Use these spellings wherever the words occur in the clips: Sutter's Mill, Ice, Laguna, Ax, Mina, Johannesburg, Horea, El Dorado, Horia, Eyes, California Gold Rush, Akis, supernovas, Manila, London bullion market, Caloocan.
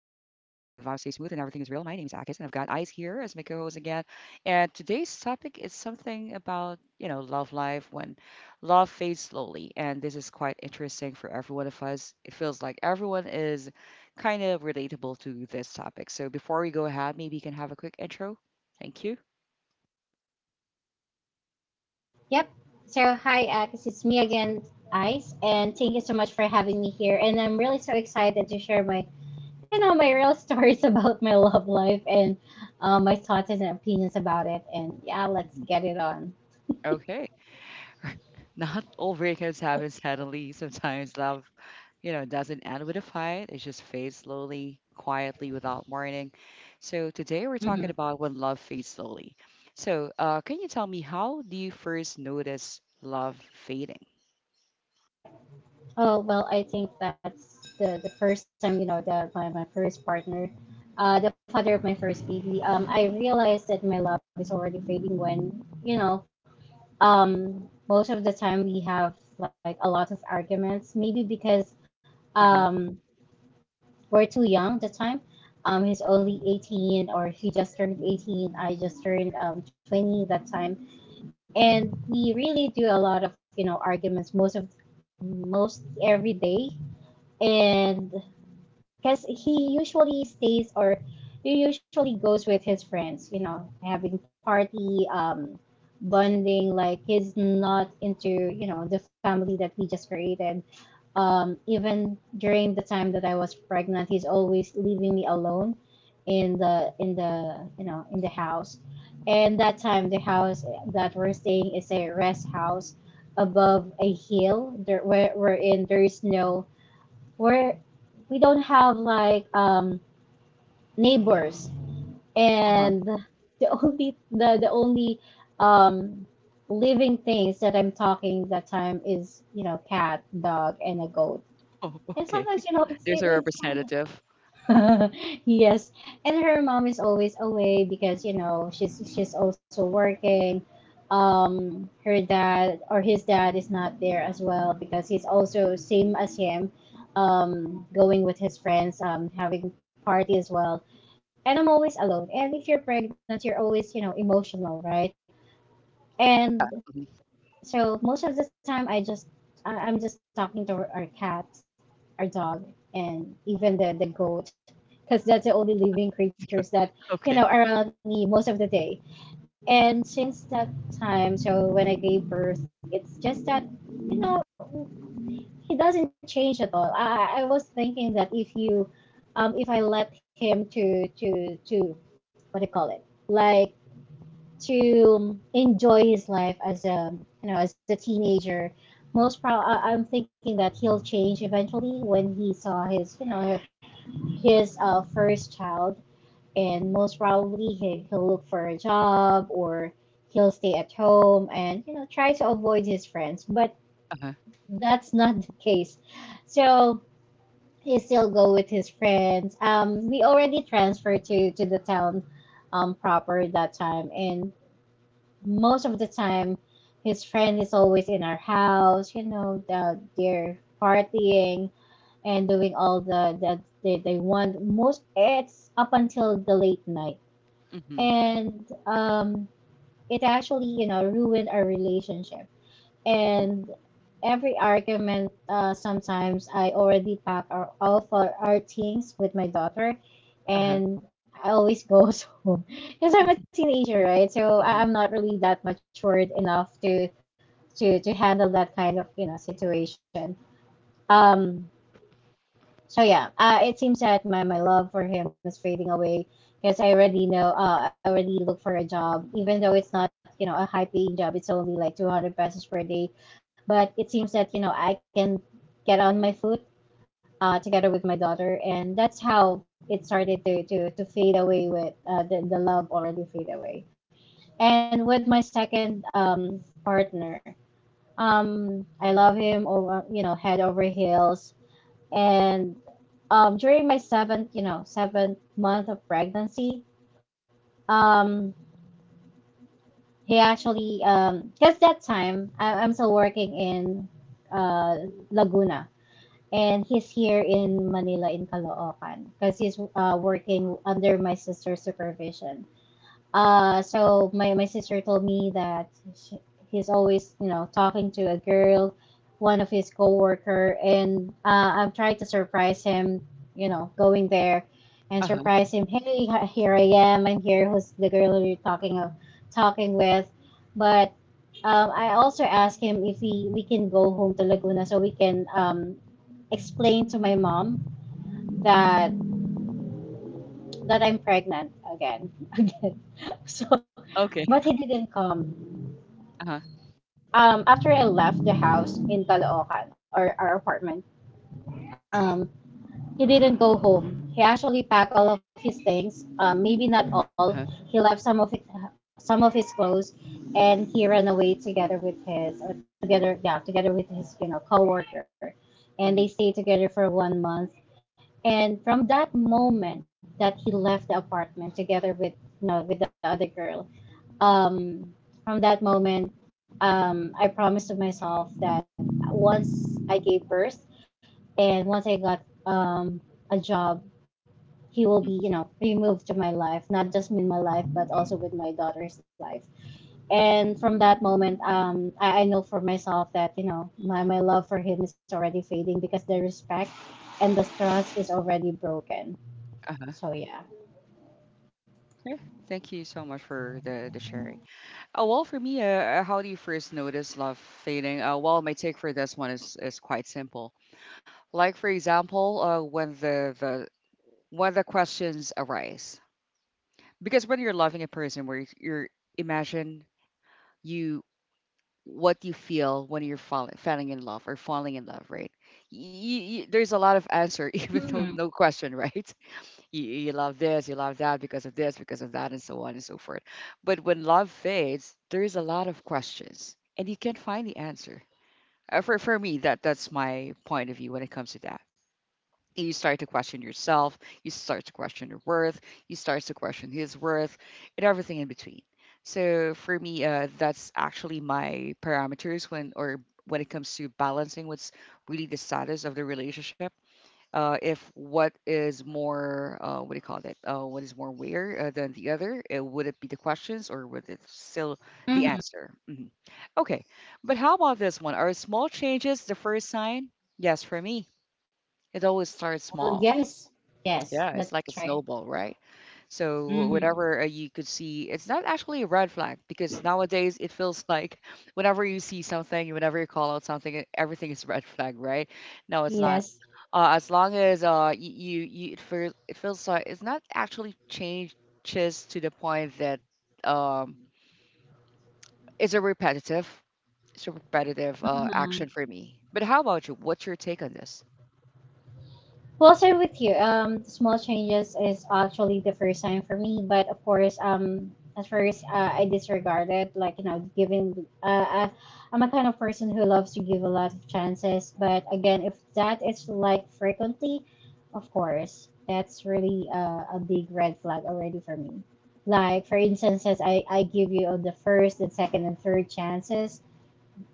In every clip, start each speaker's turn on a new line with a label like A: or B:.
A: smooth and everything is real. My name is Akis and I've got Eyes here as my co-host again. And today's topic is something about, love life when love fades slowly. And this is quite interesting for every one of us. It feels like everyone is kind of relatable to this topic. So before we go ahead, maybe you can have a quick intro. Thank you.
B: Yep. So hi, Ax. It's me again, Ice, and thank you so much for having me here. And I'm really so excited to share my real stories about my love life and my thoughts and opinions about it. And yeah,
A: Mhm.
B: let's get it on.
A: Okay. Not all breakups happen suddenly. Sometimes love, doesn't end with a fight. It just fades slowly, quietly, without warning. So today we're talking
B: hmm
A: about when love fades slowly. So, can you tell me, how do you first notice love fading?
B: Oh well, I think that's the first time, you know, that my first partner, the father of my first baby. I realized that my love is already fading when, you know, um, most of the time we have like a lot of arguments, maybe because
A: Uh-huh.
B: um, we're too young at the time. He's only 18 or he just turned 18. I just turned 20 that time. And we really do a lot of, you know, arguments most of most every day. And because he usually stays or he usually goes with his friends, you know, having party, bonding. Like he's not into, you know, the family that we just created. Um, even during the time that I was pregnant, he's always leaving me alone in the you know in the house. And that time, the house that we're staying is a rest house above a hill, there, wherein there is no where we don't have like neighbors, and
A: Uh-huh.
B: the only um, living things that I'm talking that time is you know cat, dog, and a goat.
A: Oh,
B: And
A: okay.
B: sometimes you know
A: There's a
B: it's fun.
A: representative.
B: Yes, and her mom is always away because you know she's also working. Um, her dad or his dad is not there as well because he's also same as him, um, going with his friends, having party as well. And I'm always alone. And if you're pregnant, you're always, you know, emotional, right? And
A: Mhm.
B: so most of the time, I, just, I- am just talking to our cat, our dog, and even the goat, because that's the only living creatures that, you
A: Okay.
B: know, are around me most of the day. And since that time, so when I gave birth, it's just that, you know, it doesn't change at all. I was thinking that if I let him to what do you call it like to enjoy his life as a you know as a teenager. I'm thinking that he'll change eventually when he saw his you know his first child, and most probably he'll look for a job or he'll stay at home and you know try to avoid his friends, but
A: Uh-huh.
B: that's not the case, so he still go with his friends. We already transferred to the town proper that time, and most of the time, his friend is always in our house. You know, they're partying and doing all the that they want. Most it's up until the late night,
A: Mm-hmm.
B: and it actually you know ruined our relationship. And every argument, sometimes I already pack all of our our, things with my daughter,
A: Uh-huh.
B: and I always go home because I'm a teenager, right? So
A: Mm-hmm.
B: I'm not really that matured enough to handle that kind of you know situation. Um, so yeah, it seems that my love for him is fading away because I already look for a job, even though it's not you know a high paying job. It's only like 200 pesos per day, but it seems that you know I can get on my foot, together with my daughter, and that's how it started to fade away with the love already fade away. And with my second partner, I love him over you know head over heels. And during my seventh you know seventh month of pregnancy, um, he actually because that time I'm still working in uh, Laguna, and he's here in Manila in Caloocan because he's working under my sister's supervision. So my sister told me that he's always you know talking to a girl, one of his coworker, and I'm trying to surprise him, you know, going there and
A: Uh-huh.
B: surprise him. Hey, here I am. I'm here. Who's the girl you're talking with? But I also asked him if we can go home to Laguna so we can explain to my mom that that I'm pregnant again. Again. So,
A: Okay.
B: but he didn't come.
A: Uh-huh.
B: After I left the house in Caloocan or our apartment, um, he didn't go home. He actually packed all of his things. Maybe not all.
A: Uh-huh.
B: He left some of it, some of his clothes, and he ran away together with his or together with his you know coworker. And they
A: Mm-hmm.
B: stayed together for 1 month. And from that moment that he left the apartment together with you know, with the other girl, um, from that moment, I promised to myself that once I gave birth and once I got um, a job, he will be you know removed to my life, not just with my life but also with my daughter's life. And from that moment I know for myself that you know my love for him is already fading because the respect and the trust is already broken,
A: Uh-huh.
B: so yeah.
A: Okay. Thank you so much for the sharing. Oh, well, for me, how do you first notice love fading? Well, my take for this one is quite simple. Like for example, when the when the questions arise, because when you're loving a person, where you're imagine you what you feel when you're falling in love or falling in love, right? There's a lot of answer, even
B: Mm-hmm.
A: though no question, right? You love this, you love that because of this, because of that, and so on and so forth. But when love fades, there's a lot of questions and you can't find the answer. For me, that's my point of view when it comes to that. You start to question yourself, you start to question your worth, you start to question his worth, and everything in between. So for me, that's actually my parameters when or when it comes to balancing what's really the status of the relationship, if what is more, what do you call it? What is more weird than the other? Would it be the questions or would it still the
B: Mm-hmm.
A: answer? Mhm. Okay, but how about this one? Are small changes the first sign? Yes, for me, it always starts
B: Well,
A: small.
B: yes,
A: Yeah, it's
B: that's
A: like a
B: right.
A: snowball, right? So
B: Mm-hmm.
A: whenever you could see, it's not actually a red flag because nowadays it feels like whenever you see something, whenever you call out something, everything is red flag, right? No, it's not.
B: Yes.
A: As long as you you, you it feels, it feels like it's not actually changes to the point that um it's a repetitive, it's a repetitive
B: Mm-hmm.
A: action for me. But how about you? What's your take on this?
B: Well sir with you, small changes is actually the first time for me, but of course, at first, I disregarded like you know giving, uh, I'm a kind of person who loves to give a lot of chances, but again, if that is like frequently, of course, that's really a big red flag already for me. Like for instance, as I give you the first, and second, and third chances,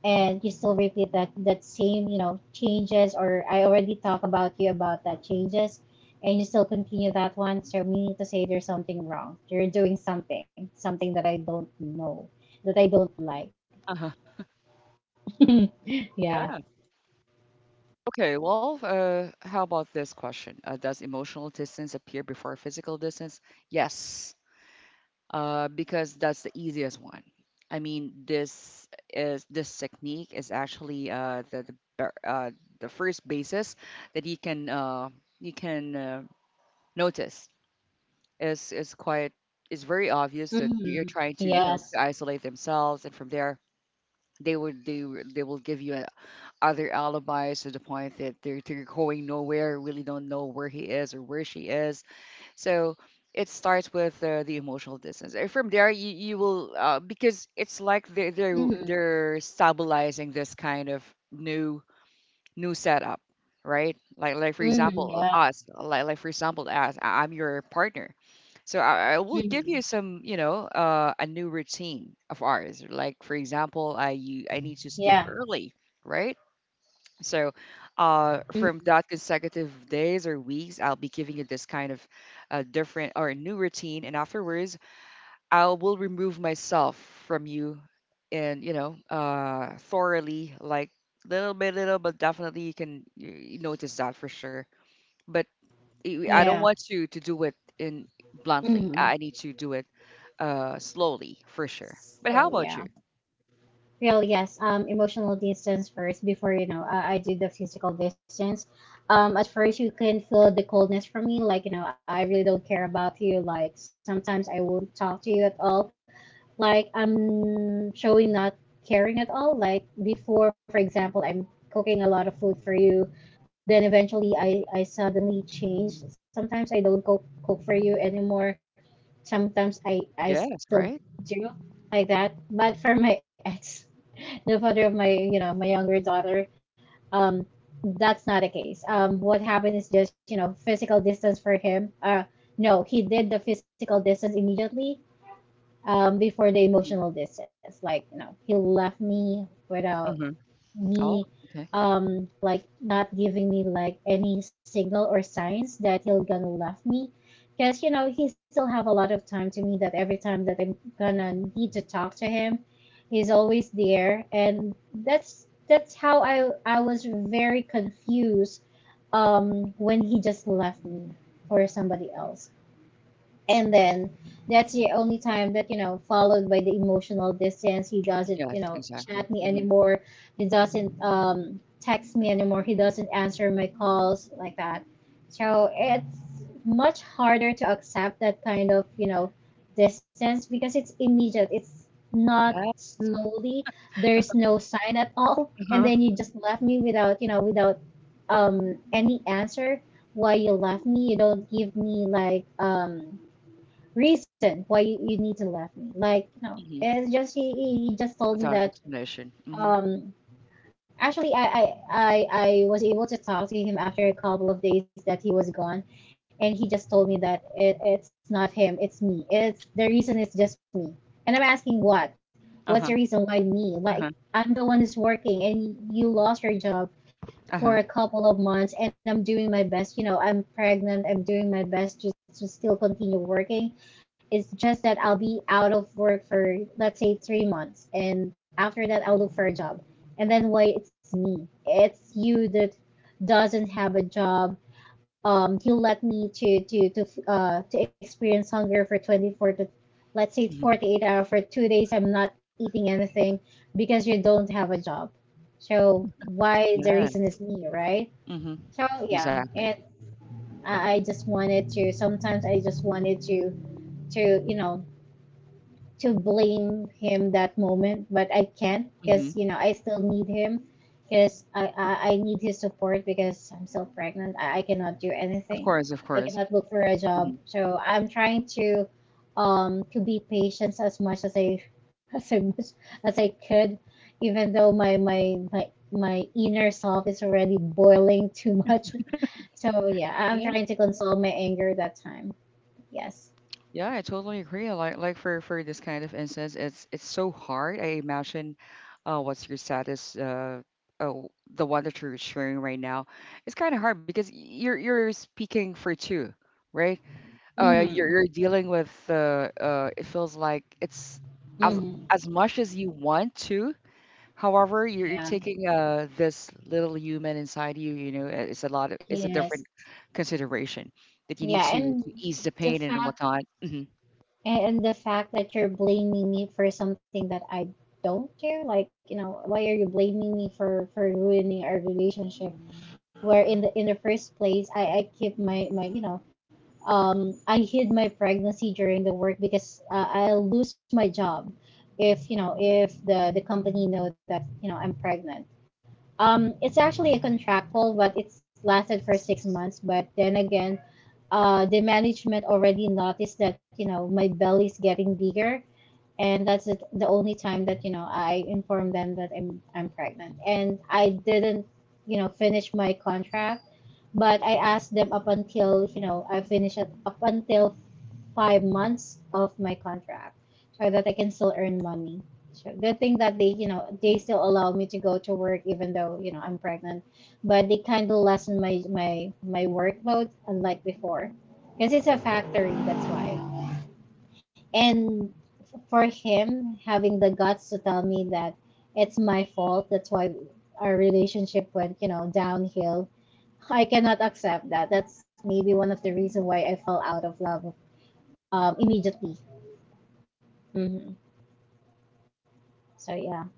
B: and you still repeat that same you know changes, or I already talk about you about that changes, and you still continue that one, so meaning to say there's something wrong. You're doing something, something that I don't know, that I don't like.
A: Uh-huh.
B: Yeah.
A: Okay, well, how about this question? Does emotional distance appear before physical distance? Yes, because that's the easiest one. I mean, this technique is actually the first basis that you can notice is quite, is very obvious that
B: Mm-hmm.
A: you're trying to, you know,
B: Yes.
A: to isolate themselves, and from there they would they will give you other alibis to the point that they're going nowhere, really don't know where he is or where she is. So it starts with the emotional distance. And from there, you will, because it's like
B: Mm-hmm.
A: they're stabilizing this kind of new new setup, right? Like,
B: Mm-hmm. Yeah.
A: like for example, us, I'm your partner. So I will give
B: Mm-hmm.
A: you some, you know, a new routine of ours. Like for example, I need to sleep
B: Yeah.
A: early, right? So, from
B: Mm-hmm.
A: that consecutive days or weeks, I'll be giving you this kind of different or new routine, and afterwards, I will remove myself from you, and you know, thoroughly, like little by little, but definitely you can you notice that for sure. But I
B: Yeah.
A: don't want you to do it in bluntly.
B: Mm-hmm.
A: I need to do it slowly for sure. But
B: So
A: how about you?
B: yeah. Well, yes. Emotional distance first before you know I do the physical distance. At first you can feel the coldness from me, like you know I really don't care about you. Like sometimes I won't talk to you at all. Like I'm showing not caring at all. Like before, for example, I'm cooking a lot of food for you. Then eventually, I suddenly change. Sometimes I don't cook for you anymore. Sometimes I
A: Yes,
B: still
A: right?
B: do like that. But for my ex, the father of my you know my younger daughter, um, that's not the case. What happened is just you know physical distance for him. No, he did the physical distance immediately, before the
A: Mm-hmm.
B: emotional distance. Like, you know, he left me without
A: Oh,
B: me,
A: okay.
B: like not giving me like any signal or signs that he'll gonna left me. Cause you know he still have a lot of time to me. That every time that I'm gonna need to talk to him, he's always there, and that's how I was very confused um when he just left me for somebody else, and then that's the only time that you know followed by the emotional distance. He doesn't you
A: Yes,
B: know
A: exactly.
B: chat me
A: Hmm.
B: anymore, he doesn't text me anymore, he doesn't answer my calls like that. So it's much harder to accept that kind of you know distance because it's immediate, it's not slowly, there's no sign at all, and
A: Uh-huh.
B: then you just left me without you know without um any answer why you left me. You don't give me like reason why you need to left me. Like, you know,
A: Mhm.
B: it's just he just told me
A: Without
B: that
A: explanation. Mhm.
B: um actually I was able to talk to him after a couple of days that he was gone, and he just told me that it's not him, it's me. It's the reason it's just me. And I'm asking what? What's
A: Uh-huh.
B: your reason why me?
A: Uh-huh.
B: Like I'm the one who's working and you lost your job
A: Uh-huh.
B: for a couple of months, and I'm doing my best. You know, I'm pregnant. I'm doing my best just to still continue working. It's just that I'll be out of work for, let's say, 3 months. And after that, I'll look for a job. And then, why it's me. It's you that doesn't have a job. You let me to experience hunger for 24 to let's say
A: Mhm.
B: 48 hours for 2 days. I'm not eating anything because you don't have a job, so why the reason
A: Yes.
B: is me, right?
A: Mhm.
B: So yeah,
A: Exactly.
B: and I just wanted to. Sometimes I just wanted to, to you know, to blame him that moment, but I can't because
A: Mhm.
B: I still need him, because I need his support because I'm still pregnant. I cannot do
A: Of
B: anything.
A: course, of
B: I
A: course.
B: cannot look for a
A: Mhm.
B: job. So I'm trying to be patient as much as I as I as I could, even though my inner self is already boiling too much. So yeah,
A: Yeah.
B: I'm trying to console my anger that time. Yes.
A: Yeah, I totally agree. Like, for this kind of instance, it's so hard. I imagine what's your status, oh the one that you're sharing right now. It's kind of hard because you're speaking for two, right?
B: Mm-hmm.
A: You're dealing with it feels like it's, as
B: Mm-hmm.
A: as much as you want to. However, you're
B: Yeah.
A: taking, this little human inside you, you know, it's a lot of, it's a different
B: Yes.
A: consideration that you need
B: Yeah. And
A: to ease the pain
B: the
A: and
B: fact
A: whatnot. Hmm.
B: the fact that you're blaming me for something that I don't care, like, why are you blaming me for ruining our relationship? Where in the first place, I keep my my you know um I hid my pregnancy during the work because I'll lose my job if, if the company know that, I'm pregnant. It's actually a contractual, but it's lasted for 6 months. But then again, the management already noticed that, my belly is getting bigger, and that's it, the only time that, I informed them that I'm pregnant, and I didn't, finish my contract, but I asked them up until, I finish at, up until 5 months of my contract, so that I can still earn money. So, good thing that they you know they still allow me to go to work even though, I'm pregnant, but they kind of lessen my my my workload unlike before, because it's a factory. That's why. And for him having the guts to tell me that it's my fault. That's why our relationship went downhill. I cannot accept that. That's maybe one of the reason why I fell out of love, immediately. hmm So yeah,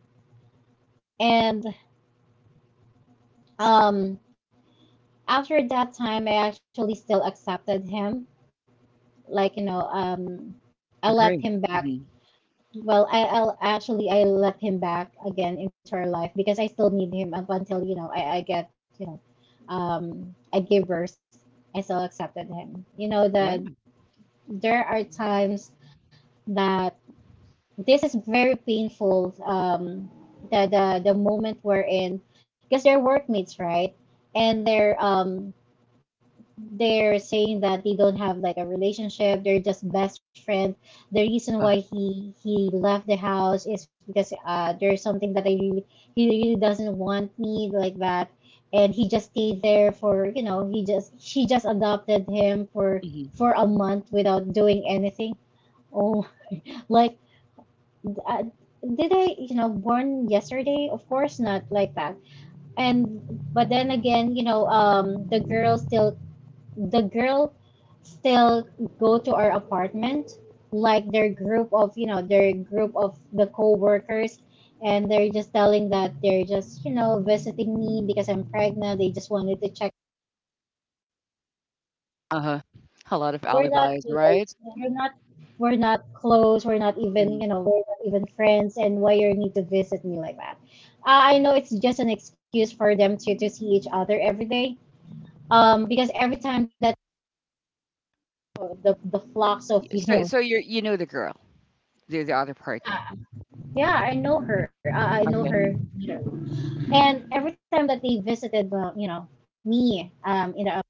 B: and um, after that time, I actually still accepted him. Like, I let
A: Agree.
B: him back.
A: Hmm.
B: Well, I, I'll actually I let him back again into our life, because I still need him up until, I get, um I give birth. I still accepted him. You know
A: Yeah.
B: that there are times that this is very painful. The moment we're in, because they're workmates, right? And they're, they're saying that they don't have like a relationship. They're just best friend. The reason
A: Uh,
B: why he left the house is because, there's something that I really he really doesn't want me like that. And he just stayed there for, he just she just adopted him for
A: hmm.
B: a month without doing anything. Oh, like, uh, did I, born yesterday? Of course not, like that. And but then again, the girl still go to our apartment, like their group of the co-workers, and they're just telling that they're just, visiting me because I'm pregnant. They just wanted to check.
A: Uh-huh. A lot of
B: We're not
A: alibis,
B: close.
A: right?
B: We're not close. We're not
A: Hmm.
B: even, we're not even friends. And why you need to visit me like that? I know it's just an excuse for them to see each other every day. Because every time that the flocks of
A: So, so you're, you know the girl, the other party.
B: Yeah, I know her. I know
A: Okay.
B: her. Sure. And every time that they visited, well, me,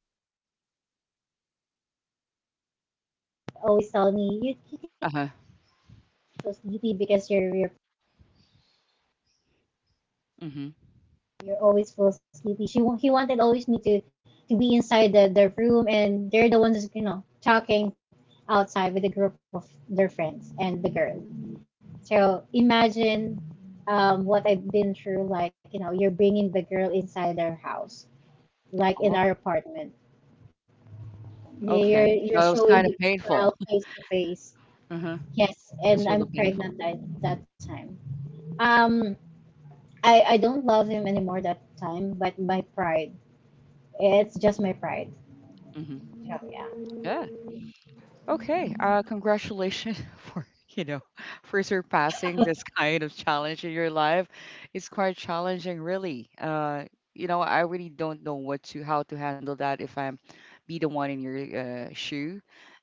B: always tell me, you, get
A: Uh-huh.
B: so sleepy because
A: Hmm.
B: you're always full sleepy. He wanted always me to be inside the room, and they're the ones, talking outside with a group of their friends and the girl. So imagine what I've been through. Like, you're bringing the girl inside their house, like in
A: Oh,
B: our apartment. Yeah,
A: okay.
B: you're,
A: No, it was kind
B: showing
A: of
B: the
A: painful.
B: betrayal face to face.
A: Uh-huh.
B: Yes,
A: It's a
B: and
A: little
B: I'm
A: painful.
B: pregnant at that time. Um, I don't love him anymore that time, but my pride. It's just my pride.
A: Hmm.
B: So yeah.
A: Yeah. Okay, congratulations for you know, for surpassing this kind of challenge in your life. It's quite challenging, really. You know, I really don't know what to how to handle that if I'm be the one in your, shoe.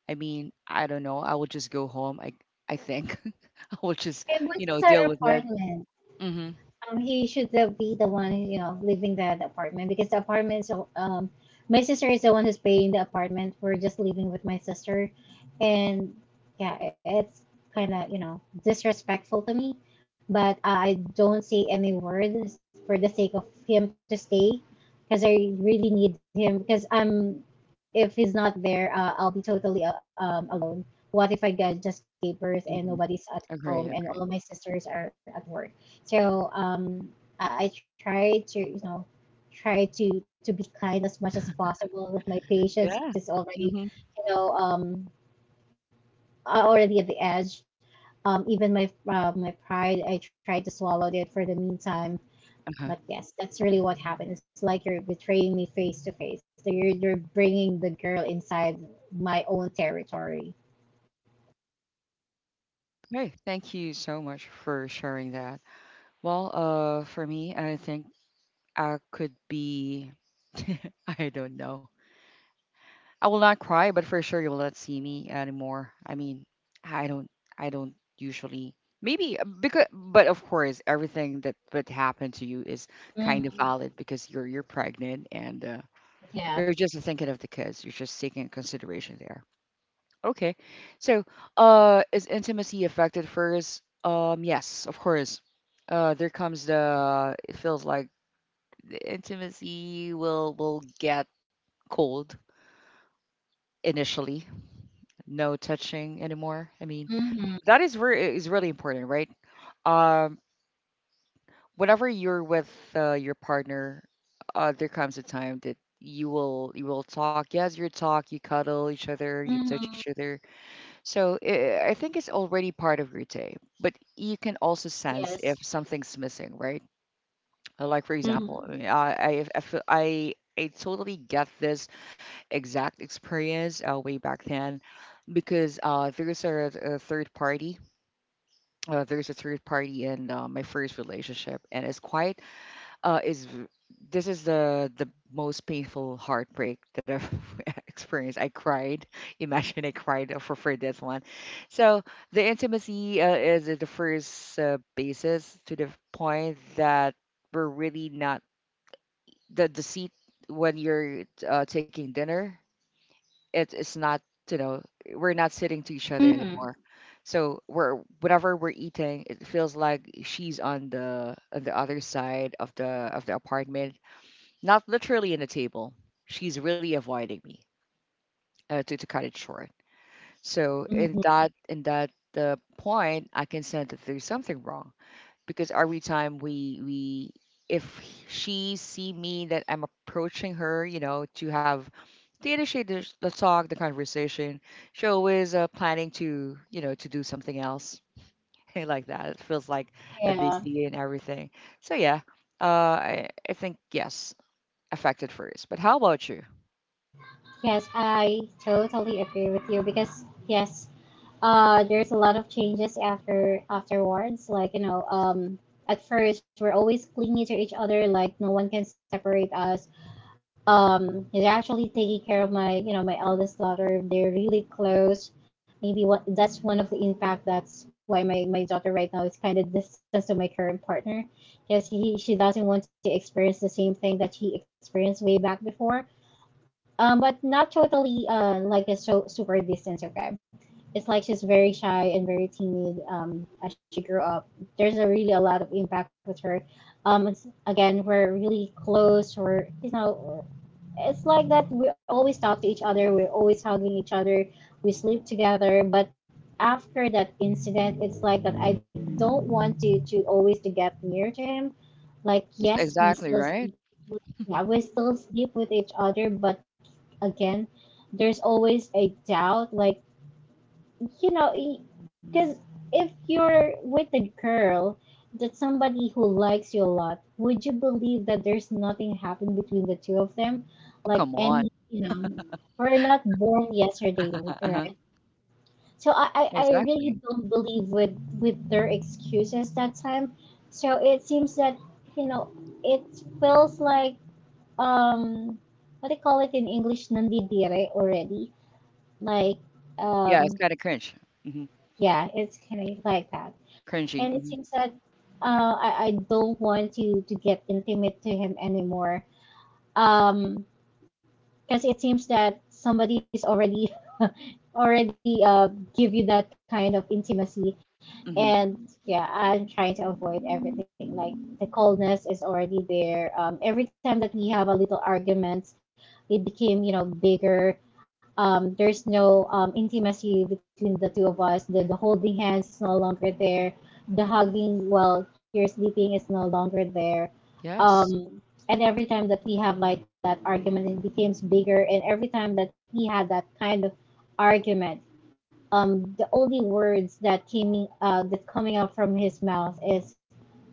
A: I mean, I don't know. I will just go home. I think, I will just,
B: And what
A: you
B: is
A: know,
B: our
A: deal with it.
B: apartment?
A: Mm-hmm.
B: He should have be the one, living there, the apartment because the apartment. So, my sister is the one who's paying the apartment. We're just living with my sister. And yeah, it's kind of, disrespectful to me. But I don't say any words for the sake of him to stay, because I really need him. Because I'm, if he's not there, I'll be totally alone. What if I get, just gave birth and
A: Mm-hmm.
B: nobody's at
A: Agree.
B: home and
A: Agree.
B: all my sisters are at work? So, um, I try to, try to to be kind as much as possible. My
A: Yeah.
B: patience is
A: Mm-hmm.
B: already, you know um already at the edge. Even my, my pride, I tried to swallow it for the meantime.
A: Uh-huh.
B: But yes, that's really what happened. It's like you're betraying me face to face. So you're bringing the girl inside my own territory.
A: Okay. Thank you so much for sharing that. Well, for me, I think I could be, I don't know. I will not cry, but for sure you will not see me anymore. I mean, I don't, I don't usually. Maybe because, but of course, everything that happened to you is kind of
B: Mm-hmm.
A: valid because you're pregnant and,
B: Yeah.
A: you're just thinking of the kids. You're just taking consideration there. Okay, so is intimacy affected first? Yes, of course. There comes the, it feels like the intimacy will get cold initially. No touching anymore. I mean,
B: Mm-hmm.
A: that is where it is really important, right? Um, Whenever you're with, your partner, there comes a time that you will, you will talk. Yes, you talk, you cuddle each other, you touch
B: Mm-hmm.
A: each other. So I think it's already part of your day, but you can also sense
B: Yes.
A: if something's missing, right? Like for example, I
B: Mm-hmm.
A: mean, I, feel, I totally get this exact experience way back then because, there's a third party. There's a third party in, my first relationship, and it's quite, is this is the most painful heartbreak that I've experienced. I cried. Imagine I cried for this one. So the intimacy, is the first, basis to the point that we're really not the seat when you're, taking dinner, it is not, you know, we're not sitting to each other
B: Mm-hmm.
A: anymore. So we're, whatever we're eating, it feels like she's on the other side of the apartment, not literally in the table. She's really avoiding me, to cut it short. So in
B: hmm
A: that, point, I can sense that there's something wrong because every time we if she see me that I'm approaching her, you know, to have to initiate the talk, the conversation, she always, planning to you know to do something else like that. It feels like a
B: Yeah.
A: busy and everything. So yeah, I think yes, affected first. But how about you?
B: Yes, I totally agree with you, because yes, there's a lot of changes afterwards. Like, at first we're always clingy to each other. Like no one can separate us. They're actually taking care of my, my eldest daughter. They're really close. Maybe what that's one of the impact. That's why my daughter right now is kind of distanced to my current partner. Yes, he, she doesn't want to experience the same thing that he experienced way back before. But not totally, like a so, super distant subscribe. It's like she's very shy and very timid, as she grew up. There's a really a lot of impact with her. It's, again, we're really close. We're, you know, it's like that we always talk to each other. We're always hugging each other. We sleep together. But after that incident, it's like that I don't want to always to get near to him, like. Yes, we
A: Exactly
B: still
A: right.
B: sleep with, yeah, we still sleep with each other, but again, there's always a doubt. Like, you know, because if you're with a girl that somebody who likes you a lot, would you believe that there's nothing happened between the two of them?
A: Oh
B: Like
A: come
B: any,
A: on.
B: you know, we're not born yesterday, right?
A: Uh-huh.
B: So I really
A: Exactly.
B: don't believe with their excuses that time. So it seems that, you know it feels like, um what do you call it in English, nandidire already, like,
A: Yeah, it's
B: um
A: kind of cringe. Hmm.
B: yeah, it's kind of like that. And
A: Cringy.
B: it
A: Hmm.
B: seems that, I don't want you to get intimate to him anymore, um because it seems that somebody's already already, give you that kind of intimacy.
A: Hmm.
B: And yeah, I'm trying to avoid everything. Like, the coldness is already there. Every time that we have a little argument, it became, you know, bigger. There's no, intimacy between the two of us. The holding hands is no longer there. The hugging while here sleeping is no longer there.
A: Yes.
B: Um, and every time that we have like that argument, it becomes bigger. And every time that we had that kind of argument, the only words that came, that coming out from his mouth is,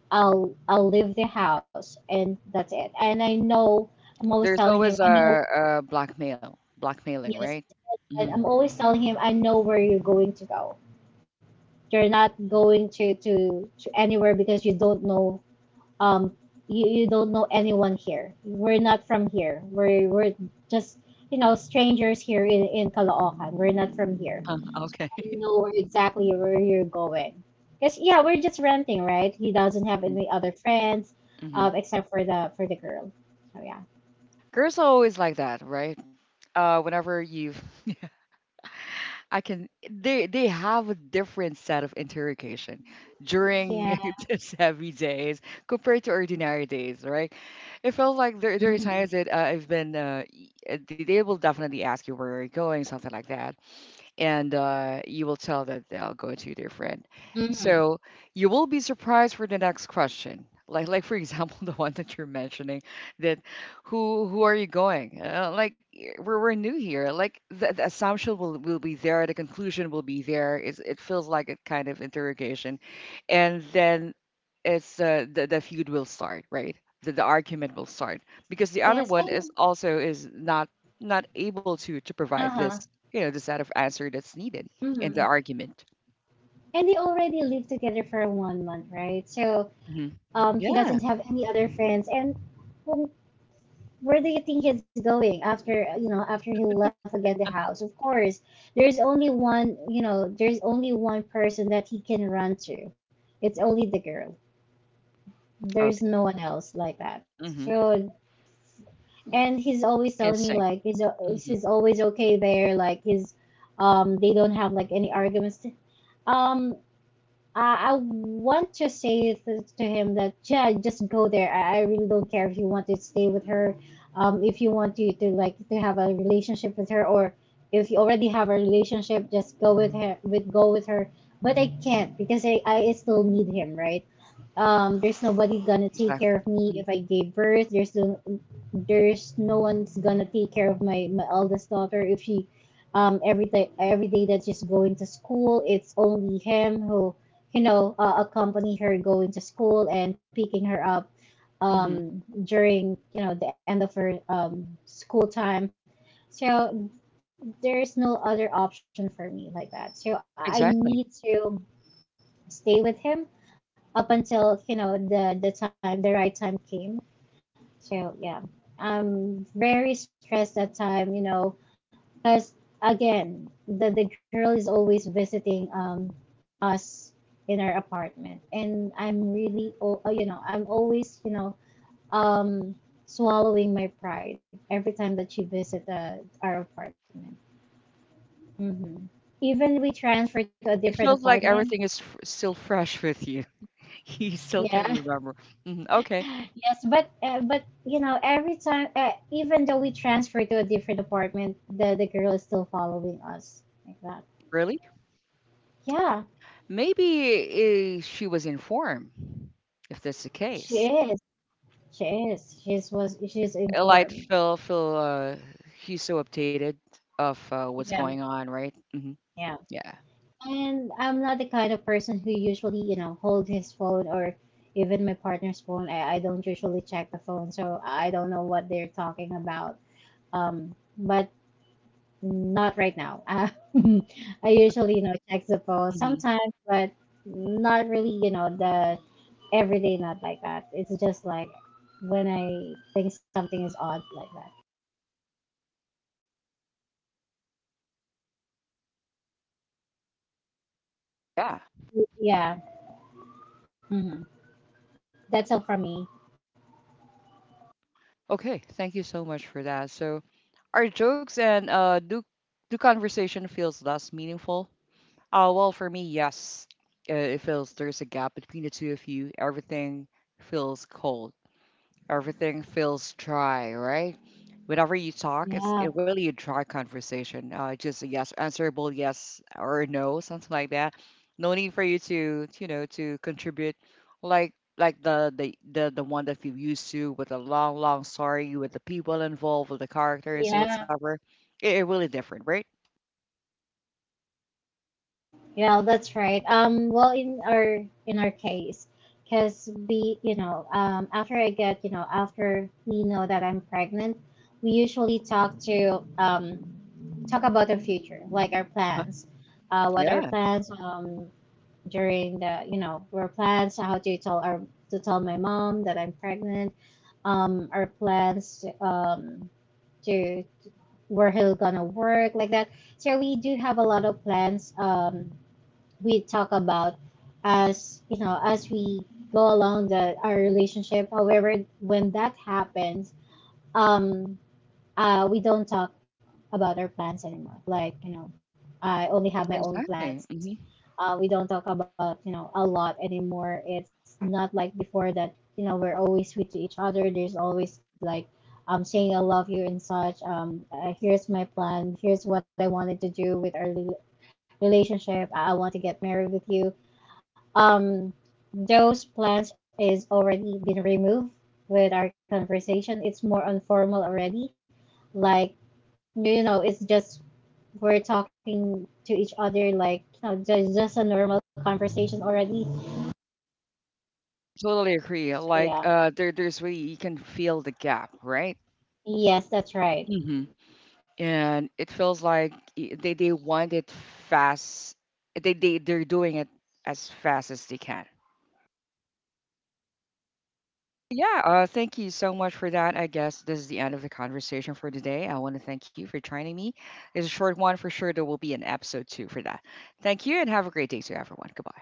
B: I'll, leave their house, and that's it. And I know, I'm always
A: There's
B: telling him,
A: always
B: I know,
A: a blackmail, blackmailing,
B: yes,
A: right? Hmm.
B: and I'm always telling him, I know where you're going to go. You're not going to anywhere because you don't know, um you, don't know anyone here. We're not from here. We're just, you know, strangers here in Caloocan. We're not from here.
A: Uh, okay.
B: I know exactly where you're going. Because yeah, we're just renting, right? He doesn't have any other friends,
A: Mm-hmm.
B: except for the girl. So yeah.
A: Girls are always like that, right? Whenever you, I can, they have a different set of interrogation
B: Yeah.
A: during these heavy days compared to ordinary days, right? It felt like there are
B: Mm-hmm.
A: times that, they will definitely ask you where you're going, something like that. And you will tell that they'll go to their friend.
B: Mm-hmm.
A: So you will be surprised for the next question. Like for example, the one that you're mentioning, that who are you going? Like we're new here. Like the assumption will be there, the conclusion will be there. It's, it feels like a kind of interrogation, and then it's, the feud will start, right? The argument will start because the
B: Yes.
A: other one
B: And
A: is also is not able to provide this,
B: uh-huh.
A: you know, the set of answer that's needed in the
B: Mm-hmm.
A: argument.
B: And they already live together for 1 month, right? So,
A: Hmm.
B: he doesn't
A: Yeah.
B: have any other friends. And, um, where do you think he's going after, after he left again the house? Of course, there's only one, there's only one person that he can run to. It's only the girl.
A: Okay.
B: There's no one else, like that.
A: Hmm.
B: So. And he's always
A: In
B: telling me,
A: sync.
B: like,
A: Hmm.
B: he's always okay there, like, he's, they don't have like any arguments. um I want to say, to him that, yeah, just go there. I really don't care if you want to stay with her, if you want to like to have a relationship with her, or if you already have a relationship, just go with her. With, go with her. But I can't because, I still need him, right? There's nobody gonna take care
A: Exactly.
B: of me
A: Hmm.
B: if I gave birth. There's no one's gonna take care of my, my eldest daughter if she, every day that she's going to school, it's only him who, you know, accompany her going to school and picking her up, um,
A: Hmm.
B: during, you know, the end of her, school time. So there's no other option for me like that. So I
A: Exactly.
B: need to stay with him up until, you know, the, time, the right time came. So yeah, I'm very stressed that time, you know, because again, the girl is always visiting, us in our apartment. And I'm really, oh, you know, I'm always, you know, um swallowing my pride every time that she visits, our apartment. Hmm, even we transferred to a
A: It
B: different
A: feels like everything
B: apartment.
A: is still fresh with you. You still can
B: Yeah.
A: remember. Hmm. Okay.
B: Yes, but you know, every time, even though we transfer to a different apartment, the girl is still following us, like that.
A: Really?
B: Yeah,
A: Maybe, she was informed, if that's the
B: she
A: case.
B: is. She is. She's was. She's
A: Like
B: informed.
A: Phil, Phil, he's so updated of, what's
B: Yeah,
A: going on, right? Hmm.
B: yeah.
A: Yeah.
B: And I'm not the kind of person who usually, you know, hold his phone or even my partner's phone. I don't usually check the phone, so I don't know what they're talking about. Um, but not right now. I usually, you know, check the phone
A: Hmm.
B: sometimes, but not really, you know, the everyday not like that. It's just like when I think something is odd, like that.
A: Yeah.
B: So yeah, mhm. That's all for me.
A: Okay. Thank you so much for that. So. Our jokes and, do conversation feels less meaningful? Well, for me, yes. It feels there's a gap between the two of you. Everything feels cold. Everything feels dry, right? Whenever you talk, it's
B: Yeah,
A: it really a dry conversation. Just a yes, answerable yes or no, something like that. No need for you to, you know, to contribute like the one that we used to with a long, long story with the people involved, with the characters,
B: yeah,
A: whatsoever. It really different, right?
B: yeah. That's right. Well, in our case, because we, you know, after I get, you know, after we know that I'm pregnant, we usually talk to, talk about the future, like our
A: Huh?
B: plans. What our
A: Yeah,
B: plans, during the, you know, our plans how to tell our, to tell my mom that I'm pregnant, our plans to where he'll gonna work, like that. So we do have a lot of plans, we talk about, as you know, as we go along the our relationship. However, when that happens, um we don't talk about our plans anymore. Like, you know, I only have my own
A: exactly.
B: plans.
A: Hmm.
B: We don't talk about, you know, a lot anymore. It's not like before, that, you know, we're always sweet to each other. There's always like, saying I love you and such. Here's my plan. Here's what I wanted to do with our relationship. I want to get married with you. Um, those plans is already been removed with our conversation. It's more informal already. Like, you know, it's just, we're talking to each other like, you know, just a normal conversation already.
A: Totally agree.
B: So
A: Like,
B: yeah,
A: there, there's really you can feel the gap, right?
B: yes, that's right.
A: Hmm. And it feels like, they want it fast. They they're doing it as fast as they can. Yeah, thank you so much for that. I guess this is the end of the conversation for today. I want to thank you for joining me. It's a short one for sure. There will be an episode two for that. Thank you and have a great day to everyone. Goodbye.